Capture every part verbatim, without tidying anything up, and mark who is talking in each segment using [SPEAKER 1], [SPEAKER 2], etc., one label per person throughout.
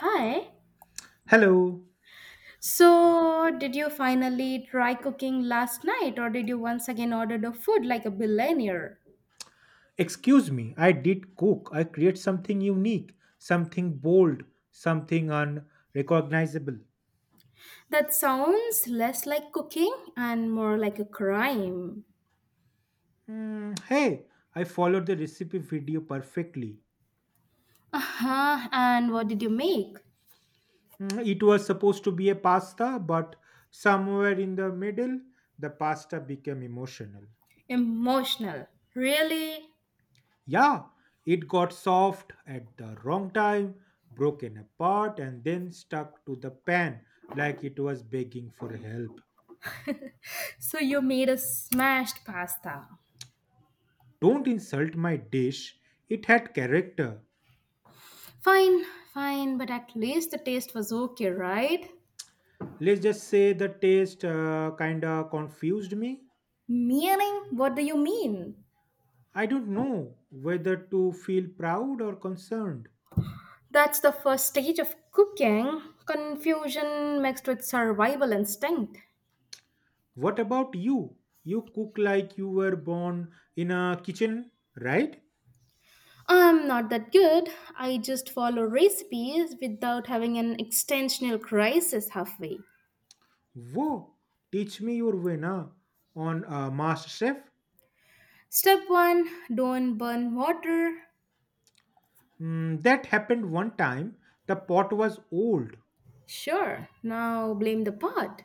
[SPEAKER 1] Hi.
[SPEAKER 2] Hello.
[SPEAKER 1] So, did you finally try cooking last night, or did you once again order the food like a billionaire?
[SPEAKER 2] Excuse me, I did cook. I create something unique, something bold, something unrecognizable.
[SPEAKER 1] That sounds less like cooking and more like a crime.
[SPEAKER 2] Mm, hey, I followed the recipe video perfectly.
[SPEAKER 1] Uh huh. And what did you make?
[SPEAKER 2] Mm, it was supposed to be a pasta, but somewhere in the middle, the pasta became emotional.
[SPEAKER 1] Emotional. Really?
[SPEAKER 2] Yeah, it got soft at the wrong time, broken apart, and then stuck to the pan like it was begging for help.
[SPEAKER 1] So, you made a smashed pasta.
[SPEAKER 2] Don't insult my dish. It had character.
[SPEAKER 1] Fine, fine, but at least the taste was okay, right?
[SPEAKER 2] Let's just say the taste uh, kinda confused me.
[SPEAKER 1] Meaning, what do you mean?
[SPEAKER 2] I don't know whether to feel proud or concerned.
[SPEAKER 1] That's the first stage of cooking confusion mixed with survival instinct.
[SPEAKER 2] What about you? You cook like you were born in a kitchen, right?
[SPEAKER 1] I'm not that good. I just follow recipes without having an extensional crisis halfway.
[SPEAKER 2] Whoa, teach me your way na on uh, MasterChef.
[SPEAKER 1] Step one don't burn water.
[SPEAKER 2] Mm, that happened one time. The pot was old.
[SPEAKER 1] Sure, now blame the pot.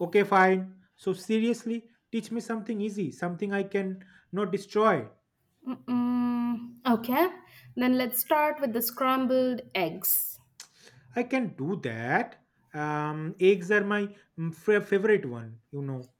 [SPEAKER 2] Okay, fine. So seriously, teach me something easy, something I can not destroy.
[SPEAKER 1] Mm-mm. Okay, then let's start with the scrambled eggs.
[SPEAKER 2] I can do that. Um, eggs are my mm, fa- favorite one, you know.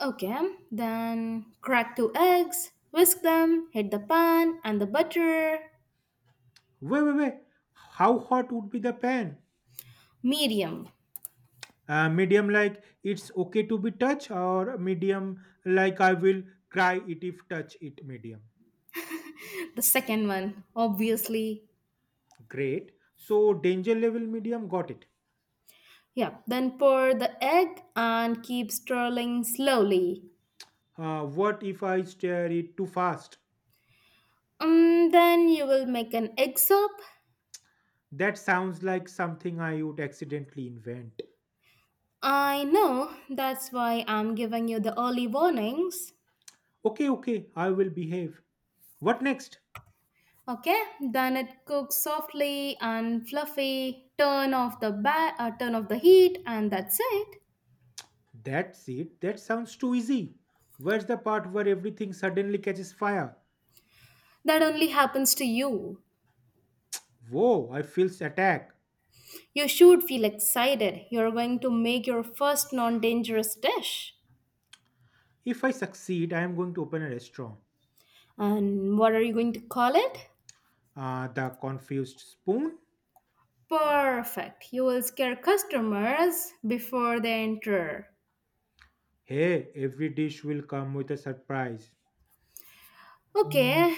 [SPEAKER 1] Okay, then crack two eggs, whisk them, hit the pan and the butter,
[SPEAKER 2] Wait, wait, wait. How hot would be the pan?
[SPEAKER 1] medium.
[SPEAKER 2] Uh, medium, like it's okay to be touch, or medium, like I will cry it if touch it medium.
[SPEAKER 1] The second one, obviously.
[SPEAKER 2] Great. So, danger level medium, got it.
[SPEAKER 1] Yeah. Then pour the egg and keep stirring slowly.
[SPEAKER 2] Uh, what if I stir it too fast?
[SPEAKER 1] Um, then you will make an egg soup.
[SPEAKER 2] That sounds like something I would accidentally invent.
[SPEAKER 1] I know, that's why I'm giving you the early warnings.
[SPEAKER 2] Okay, okay, I will behave. What next?
[SPEAKER 1] Okay, then it cooks softly and fluffy. Turn off the ba- uh, turn off the heat, and that's it.
[SPEAKER 2] That's it. That sounds too easy. Where's the part where everything suddenly catches fire?
[SPEAKER 1] That only happens to you.
[SPEAKER 2] Whoa, I feel attack.
[SPEAKER 1] You should feel excited. You're going to make your first non-dangerous dish.
[SPEAKER 2] If I succeed, I am going to open a restaurant.
[SPEAKER 1] And what are you going to call it?
[SPEAKER 2] Uh, the confused spoon?
[SPEAKER 1] Perfect. You will scare customers before they enter.
[SPEAKER 2] Hey, every dish will come with a surprise.
[SPEAKER 1] Okay,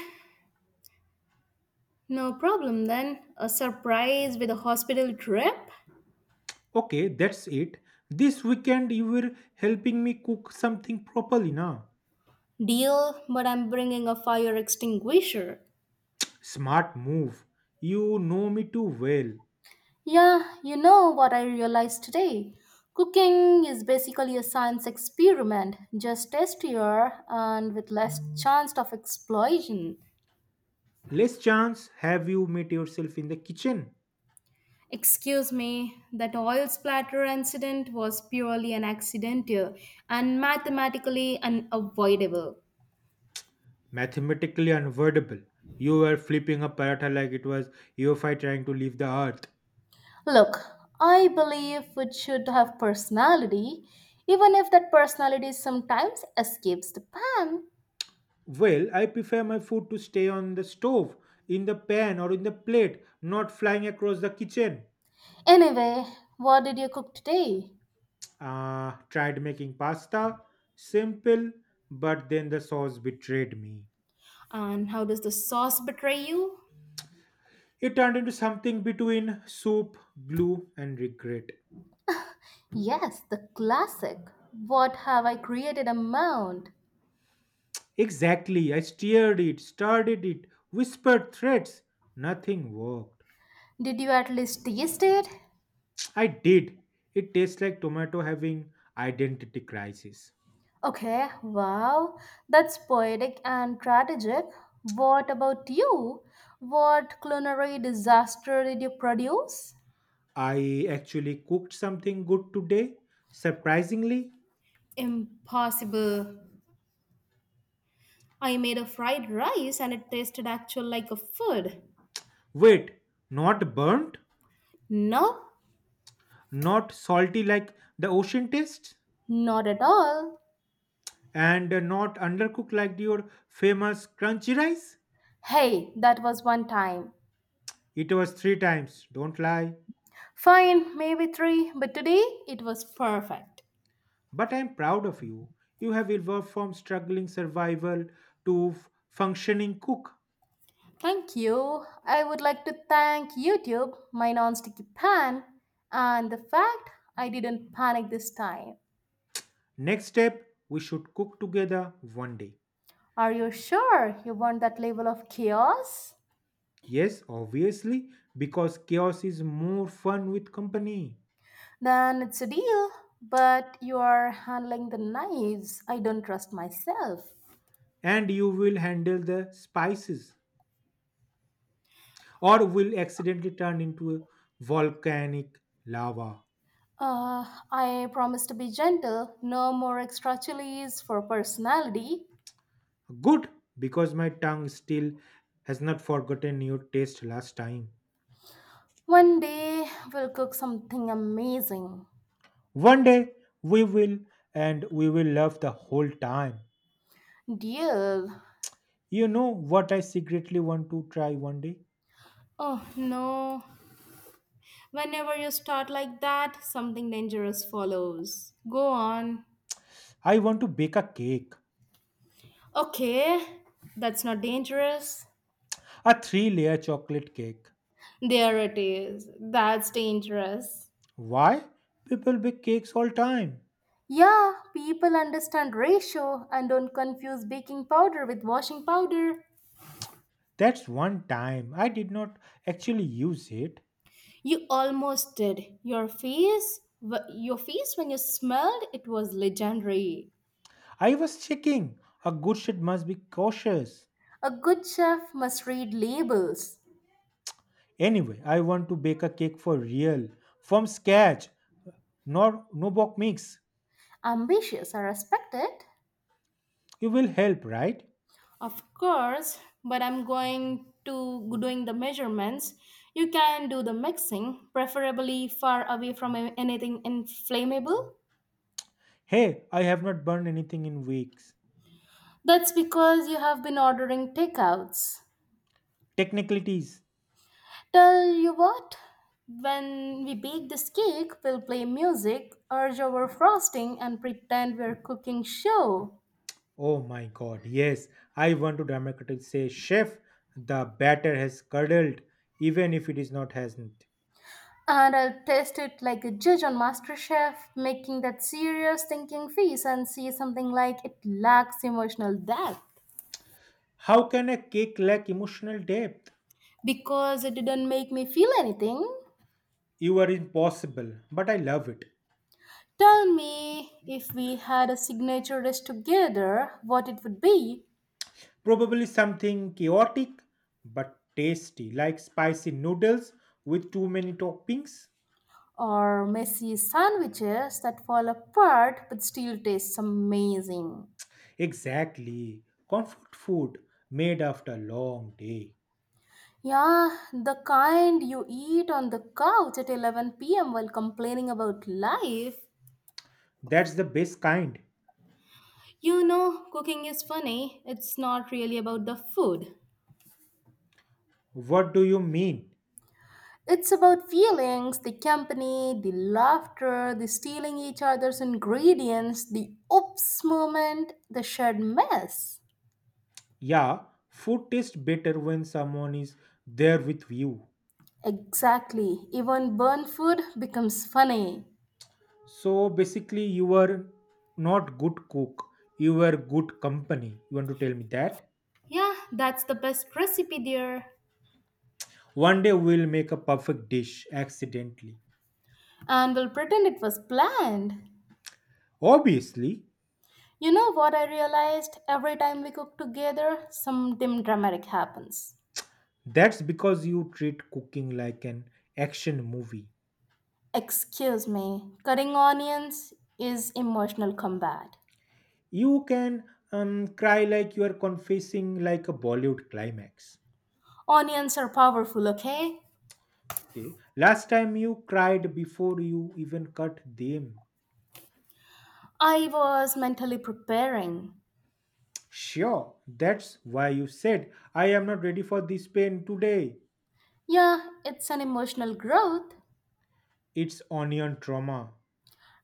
[SPEAKER 1] no problem then. A surprise with a hospital trip?
[SPEAKER 2] Okay, that's it. This weekend you were helping me cook something properly, na?
[SPEAKER 1] Deal, but I'm bringing a fire extinguisher.
[SPEAKER 2] Smart move. You know me too well.
[SPEAKER 1] Yeah, you know what I realized today. Cooking is basically a science experiment, just tastier and with less chance of explosion.
[SPEAKER 2] Less chance have you met yourself in the kitchen.
[SPEAKER 1] Excuse me, that oil splatter incident was purely an accidental and mathematically unavoidable.
[SPEAKER 2] Mathematically unavoidable. You were flipping a paratha like it was E O F I trying to leave the earth.
[SPEAKER 1] Look, I believe food should have personality, even if that personality sometimes escapes the pan.
[SPEAKER 2] Well, I prefer my food to stay on the stove, in the pan, or in the plate, not flying across the kitchen.
[SPEAKER 1] Anyway, what did you cook today?
[SPEAKER 2] Uh, tried making pasta, simple, but then the sauce betrayed me.
[SPEAKER 1] And how does the sauce betray you?
[SPEAKER 2] It turned into something between soup, glue, and regret.
[SPEAKER 1] Yes, the classic. What have I created a mound?
[SPEAKER 2] Exactly, I steered it, started it, whispered threats. Nothing worked.
[SPEAKER 1] Did you at least taste it?
[SPEAKER 2] I did. It tastes like tomato having identity crisis.
[SPEAKER 1] Okay, wow, that's poetic and tragic. What about you? What culinary disaster did you produce?
[SPEAKER 2] I actually cooked something good today, surprisingly.
[SPEAKER 1] Impossible. I made a fried rice and it tasted actual like a food.
[SPEAKER 2] Wait, not burnt,
[SPEAKER 1] No?
[SPEAKER 2] not salty like the ocean taste,
[SPEAKER 1] Not at all.
[SPEAKER 2] and not undercooked like your famous crunchy rice.
[SPEAKER 1] Hey, that was one time.
[SPEAKER 2] It was three times, don't lie.
[SPEAKER 1] Fine, maybe three, but today it was perfect.
[SPEAKER 2] But I'm proud of you. You have evolved from struggling survival to f- functioning cook.
[SPEAKER 1] Thank you. I would like to thank YouTube, my non-sticky pan, and the fact I didn't panic this time.
[SPEAKER 2] Next step, we should cook together one day.
[SPEAKER 1] Are you sure you want that level of chaos?
[SPEAKER 2] Yes, obviously, because chaos is more fun with company.
[SPEAKER 1] Then it's a deal, but you are handling the knives. I don't trust myself.
[SPEAKER 2] And you will handle the spices, or will accidentally turn into a volcanic lava.
[SPEAKER 1] Uh, I promise to be gentle. No more extra chilies for personality.
[SPEAKER 2] Good, because my tongue still has not forgotten your taste last time.
[SPEAKER 1] One day we'll cook something amazing.
[SPEAKER 2] One day we will, and we will love the whole time.
[SPEAKER 1] Deal.
[SPEAKER 2] You know what I secretly want to try one day?
[SPEAKER 1] Oh no, whenever you start like that, something dangerous follows. Go on.
[SPEAKER 2] I want to bake a cake,
[SPEAKER 1] Okay, that's not dangerous.
[SPEAKER 2] a three layer chocolate cake.
[SPEAKER 1] There it is. That's dangerous.
[SPEAKER 2] Why? People bake cakes all time.
[SPEAKER 1] Yeah, people understand ratio and don't confuse baking powder with washing powder.
[SPEAKER 2] That's one time. I did not actually use it.
[SPEAKER 1] You almost did. Your face, wh- your face when you smelled it was legendary.
[SPEAKER 2] I was checking. A good chef must be cautious.
[SPEAKER 1] A good chef must read labels.
[SPEAKER 2] Anyway, I want to bake a cake for real. From scratch. Nor no box mix.
[SPEAKER 1] Ambitious, I respect it.
[SPEAKER 2] You will help, right?
[SPEAKER 1] Of course, but I'm going to doing the measurements. You can do the mixing, preferably far away from a- anything inflammable.
[SPEAKER 2] Hey, I have not burned anything in weeks.
[SPEAKER 1] That's because you have been ordering takeouts.
[SPEAKER 2] Technicalities.
[SPEAKER 1] Tell you what, when we bake this cake, we'll play music, urge our frosting, and pretend we're cooking show.
[SPEAKER 2] Oh my god, yes. I want to dramatically say, Chef, the batter has curdled, even if it is not hasn't.
[SPEAKER 1] And I'll test it like a judge on MasterChef, making that serious thinking face and see something like it lacks emotional depth.
[SPEAKER 2] How can a cake lack emotional depth?
[SPEAKER 1] Because it didn't make me feel anything.
[SPEAKER 2] You are impossible, but I love it.
[SPEAKER 1] Tell me if we had a signature dish together, what it would be.
[SPEAKER 2] Probably something chaotic but tasty, like spicy noodles with too many toppings.
[SPEAKER 1] Or messy sandwiches that fall apart but still taste amazing.
[SPEAKER 2] Exactly, comfort food made after a long day.
[SPEAKER 1] Yeah, the kind you eat on the couch at eleven p m while complaining about life.
[SPEAKER 2] That's the best kind.
[SPEAKER 1] You know, cooking is funny, it's not really about the food.
[SPEAKER 2] What do you mean?
[SPEAKER 1] It's about feelings, the company, the laughter, the stealing each other's ingredients, the oops moment, the shared mess.
[SPEAKER 2] Yeah, food tastes better when someone is there with you.
[SPEAKER 1] Exactly. Even burnt food becomes funny.
[SPEAKER 2] So basically, you are not good cook. You are good company. You want to tell me that?
[SPEAKER 1] Yeah, that's the best recipe, dear.
[SPEAKER 2] One day we'll make a perfect dish accidentally.
[SPEAKER 1] And we'll pretend it was planned.
[SPEAKER 2] Obviously,
[SPEAKER 1] You know what I realized? Every time we cook together, something dramatic happens.
[SPEAKER 2] that's because you treat cooking like an action movie.
[SPEAKER 1] Excuse me, cutting onions is emotional combat.
[SPEAKER 2] You can um, cry like you are confessing like a Bollywood climax.
[SPEAKER 1] Onions are powerful, okay?
[SPEAKER 2] Okay. Last time you cried before you even cut them.
[SPEAKER 1] I was mentally preparing.
[SPEAKER 2] Sure, that's why you said, I am not ready for this pain today.
[SPEAKER 1] Yeah, it's an emotional growth.
[SPEAKER 2] It's onion trauma.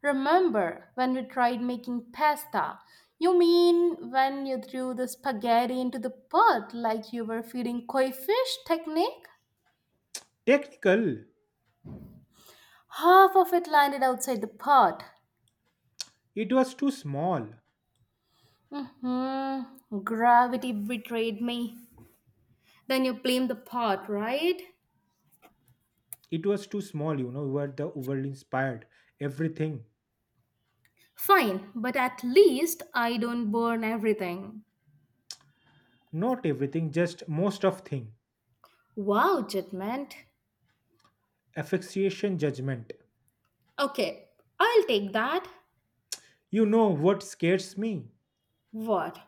[SPEAKER 1] Remember when we tried making pasta? You mean when you threw the spaghetti into the pot like you were feeding koi fish technique?
[SPEAKER 2] Technical.
[SPEAKER 1] Half of it landed outside the pot.
[SPEAKER 2] It was too small.
[SPEAKER 1] Mm-hmm. Gravity betrayed me. Then you blame the pot, right?
[SPEAKER 2] It was too small, you know we were the overly inspired everything.
[SPEAKER 1] Fine, but at least I don't burn everything.
[SPEAKER 2] Not everything, just most of thing.
[SPEAKER 1] Wow, judgment.
[SPEAKER 2] Asphyxiation judgment.
[SPEAKER 1] Okay, I'll take that.
[SPEAKER 2] You know what scares me?
[SPEAKER 1] What?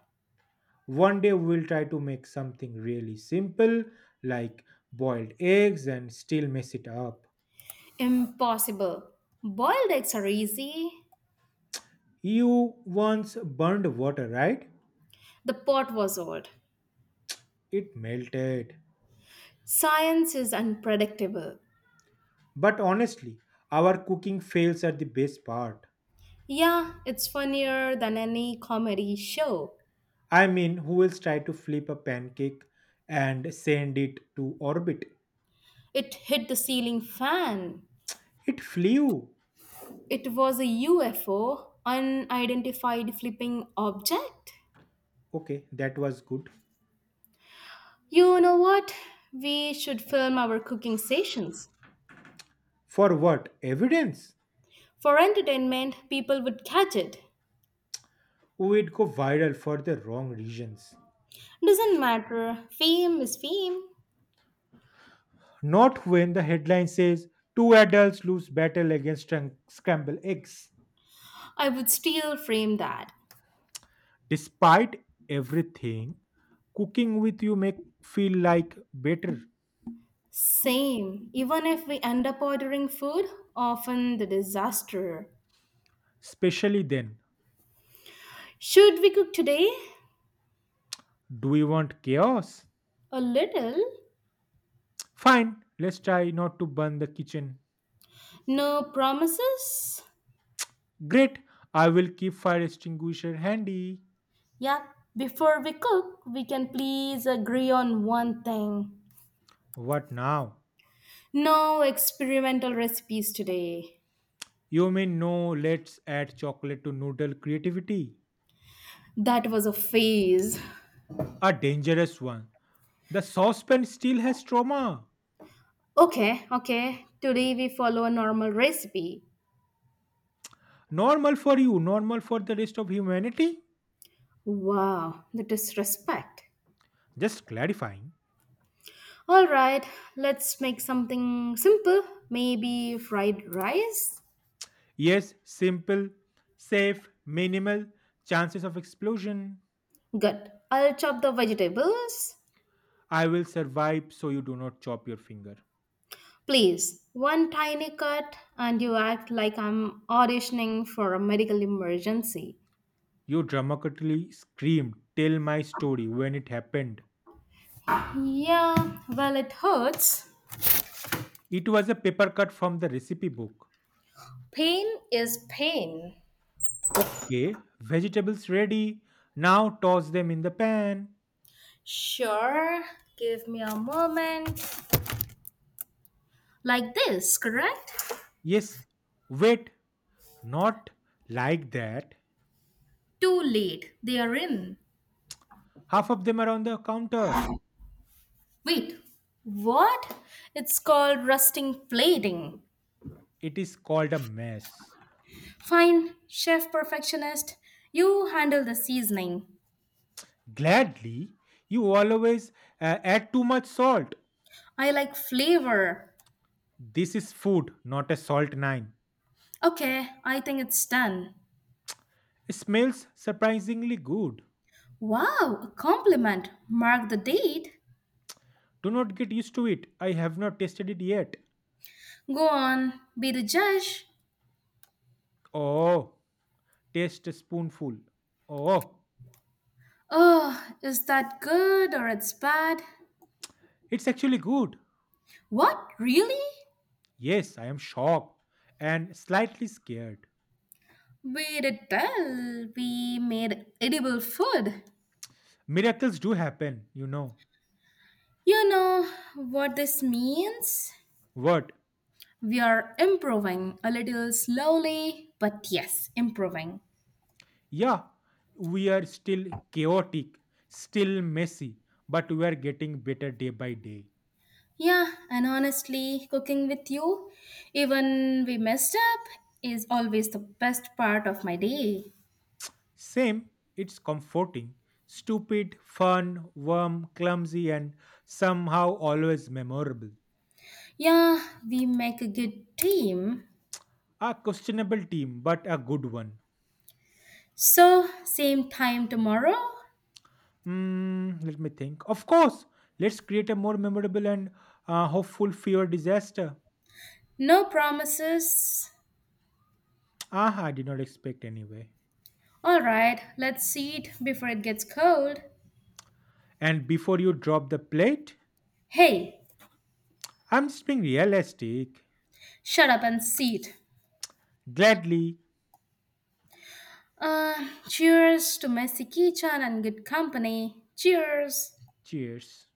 [SPEAKER 2] One day we will try to make something really simple, like boiled eggs, and still mess it up.
[SPEAKER 1] Impossible. Boiled eggs are easy.
[SPEAKER 2] You once burned water, right?
[SPEAKER 1] The pot was old.
[SPEAKER 2] It melted.
[SPEAKER 1] Science is unpredictable.
[SPEAKER 2] But honestly, our cooking fails at the best part.
[SPEAKER 1] Yeah, it's funnier than any comedy show.
[SPEAKER 2] I mean, who else try to flip a pancake and send it to orbit?
[SPEAKER 1] It hit the ceiling fan.
[SPEAKER 2] It flew.
[SPEAKER 1] It was a U F O, unidentified flipping object.
[SPEAKER 2] Okay, that was good.
[SPEAKER 1] You know what? We should film our cooking sessions.
[SPEAKER 2] For what? Evidence?
[SPEAKER 1] For entertainment, people would catch it.
[SPEAKER 2] Oh, it go viral for the wrong reasons.
[SPEAKER 1] Doesn't matter, fame is fame.
[SPEAKER 2] Not when the headline says two adults lose battle against scram- scramble eggs.
[SPEAKER 1] I would still frame that.
[SPEAKER 2] Despite everything, cooking with you make feel like better.
[SPEAKER 1] Same, even if we end up ordering food, often the disaster.
[SPEAKER 2] Especially then.
[SPEAKER 1] Should we cook today?
[SPEAKER 2] Do we want chaos?
[SPEAKER 1] A little.
[SPEAKER 2] Fine, let's try not to burn the kitchen.
[SPEAKER 1] No promises?
[SPEAKER 2] Great, I will keep fire extinguisher handy.
[SPEAKER 1] Yeah, before we cook, we can please agree on one thing.
[SPEAKER 2] What now?
[SPEAKER 1] No experimental recipes today.
[SPEAKER 2] You mean no, let's add chocolate to noodle creativity?
[SPEAKER 1] That was a phase.
[SPEAKER 2] A dangerous one. The saucepan still has trauma.
[SPEAKER 1] Okay, okay, today we follow a normal recipe.
[SPEAKER 2] Normal for you, normal for the rest of humanity?
[SPEAKER 1] Wow, the disrespect.
[SPEAKER 2] Just clarifying.
[SPEAKER 1] All right, let's make something simple. Maybe fried rice?
[SPEAKER 2] Yes, simple, safe, minimal, chances of explosion.
[SPEAKER 1] Good. I'll chop the vegetables.
[SPEAKER 2] I will survive so you do not chop your finger.
[SPEAKER 1] Please, one tiny cut, and you act like I'm auditioning for a medical emergency.
[SPEAKER 2] You dramatically screamed, Tell my story when it happened.
[SPEAKER 1] Yeah, well, it hurts.
[SPEAKER 2] It was a paper cut from the recipe book.
[SPEAKER 1] Pain is pain.
[SPEAKER 2] Okay, vegetables ready. Now toss them in the pan.
[SPEAKER 1] Sure, give me a moment. Like this, correct?
[SPEAKER 2] Yes, wait, not like that.
[SPEAKER 1] Too late. They are in.
[SPEAKER 2] Half of them are on the counter.
[SPEAKER 1] Wait, what? It's called rusting plating.
[SPEAKER 2] It is called a mess.
[SPEAKER 1] Fine, chef perfectionist, you handle the seasoning.
[SPEAKER 2] Gladly, you always uh, add too much salt.
[SPEAKER 1] I like flavor.
[SPEAKER 2] This is food, not a salt nine.
[SPEAKER 1] Okay, I think it's done.
[SPEAKER 2] It smells surprisingly good.
[SPEAKER 1] Wow, a compliment. Mark the date.
[SPEAKER 2] Do not get used to it. I have not tasted it yet.
[SPEAKER 1] Go on, be the judge.
[SPEAKER 2] Oh, taste a spoonful. Oh,
[SPEAKER 1] Oh, is that good or it's bad?
[SPEAKER 2] it's actually good.
[SPEAKER 1] What, really?
[SPEAKER 2] Yes, I am shocked and slightly scared.
[SPEAKER 1] We did tell we made edible food.
[SPEAKER 2] Miracles do happen, you know.
[SPEAKER 1] You know what this means?
[SPEAKER 2] What?
[SPEAKER 1] We are improving a little slowly, but yes, improving.
[SPEAKER 2] Yeah, we are still chaotic, still messy, but we are getting better day by day.
[SPEAKER 1] Yeah, and honestly, cooking with you, even we messed up, is always the best part of my day.
[SPEAKER 2] Same, it's comforting, stupid, fun, warm, clumsy, and somehow always memorable.
[SPEAKER 1] Yeah, we make a good team.
[SPEAKER 2] A questionable team, but a good one.
[SPEAKER 1] So, same time tomorrow?
[SPEAKER 2] Hmm, let me think. Of course, let's create a more memorable and uh, hopeful fewer disaster.
[SPEAKER 1] No promises.
[SPEAKER 2] Ah, I did not expect anyway.
[SPEAKER 1] Alright, let's see it before it gets cold.
[SPEAKER 2] And before you drop the plate,
[SPEAKER 1] Hey,
[SPEAKER 2] I'm just being realistic.
[SPEAKER 1] shut up and see it.
[SPEAKER 2] Gladly.
[SPEAKER 1] Uh, cheers to messy kitchen and good company. Cheers.
[SPEAKER 2] Cheers.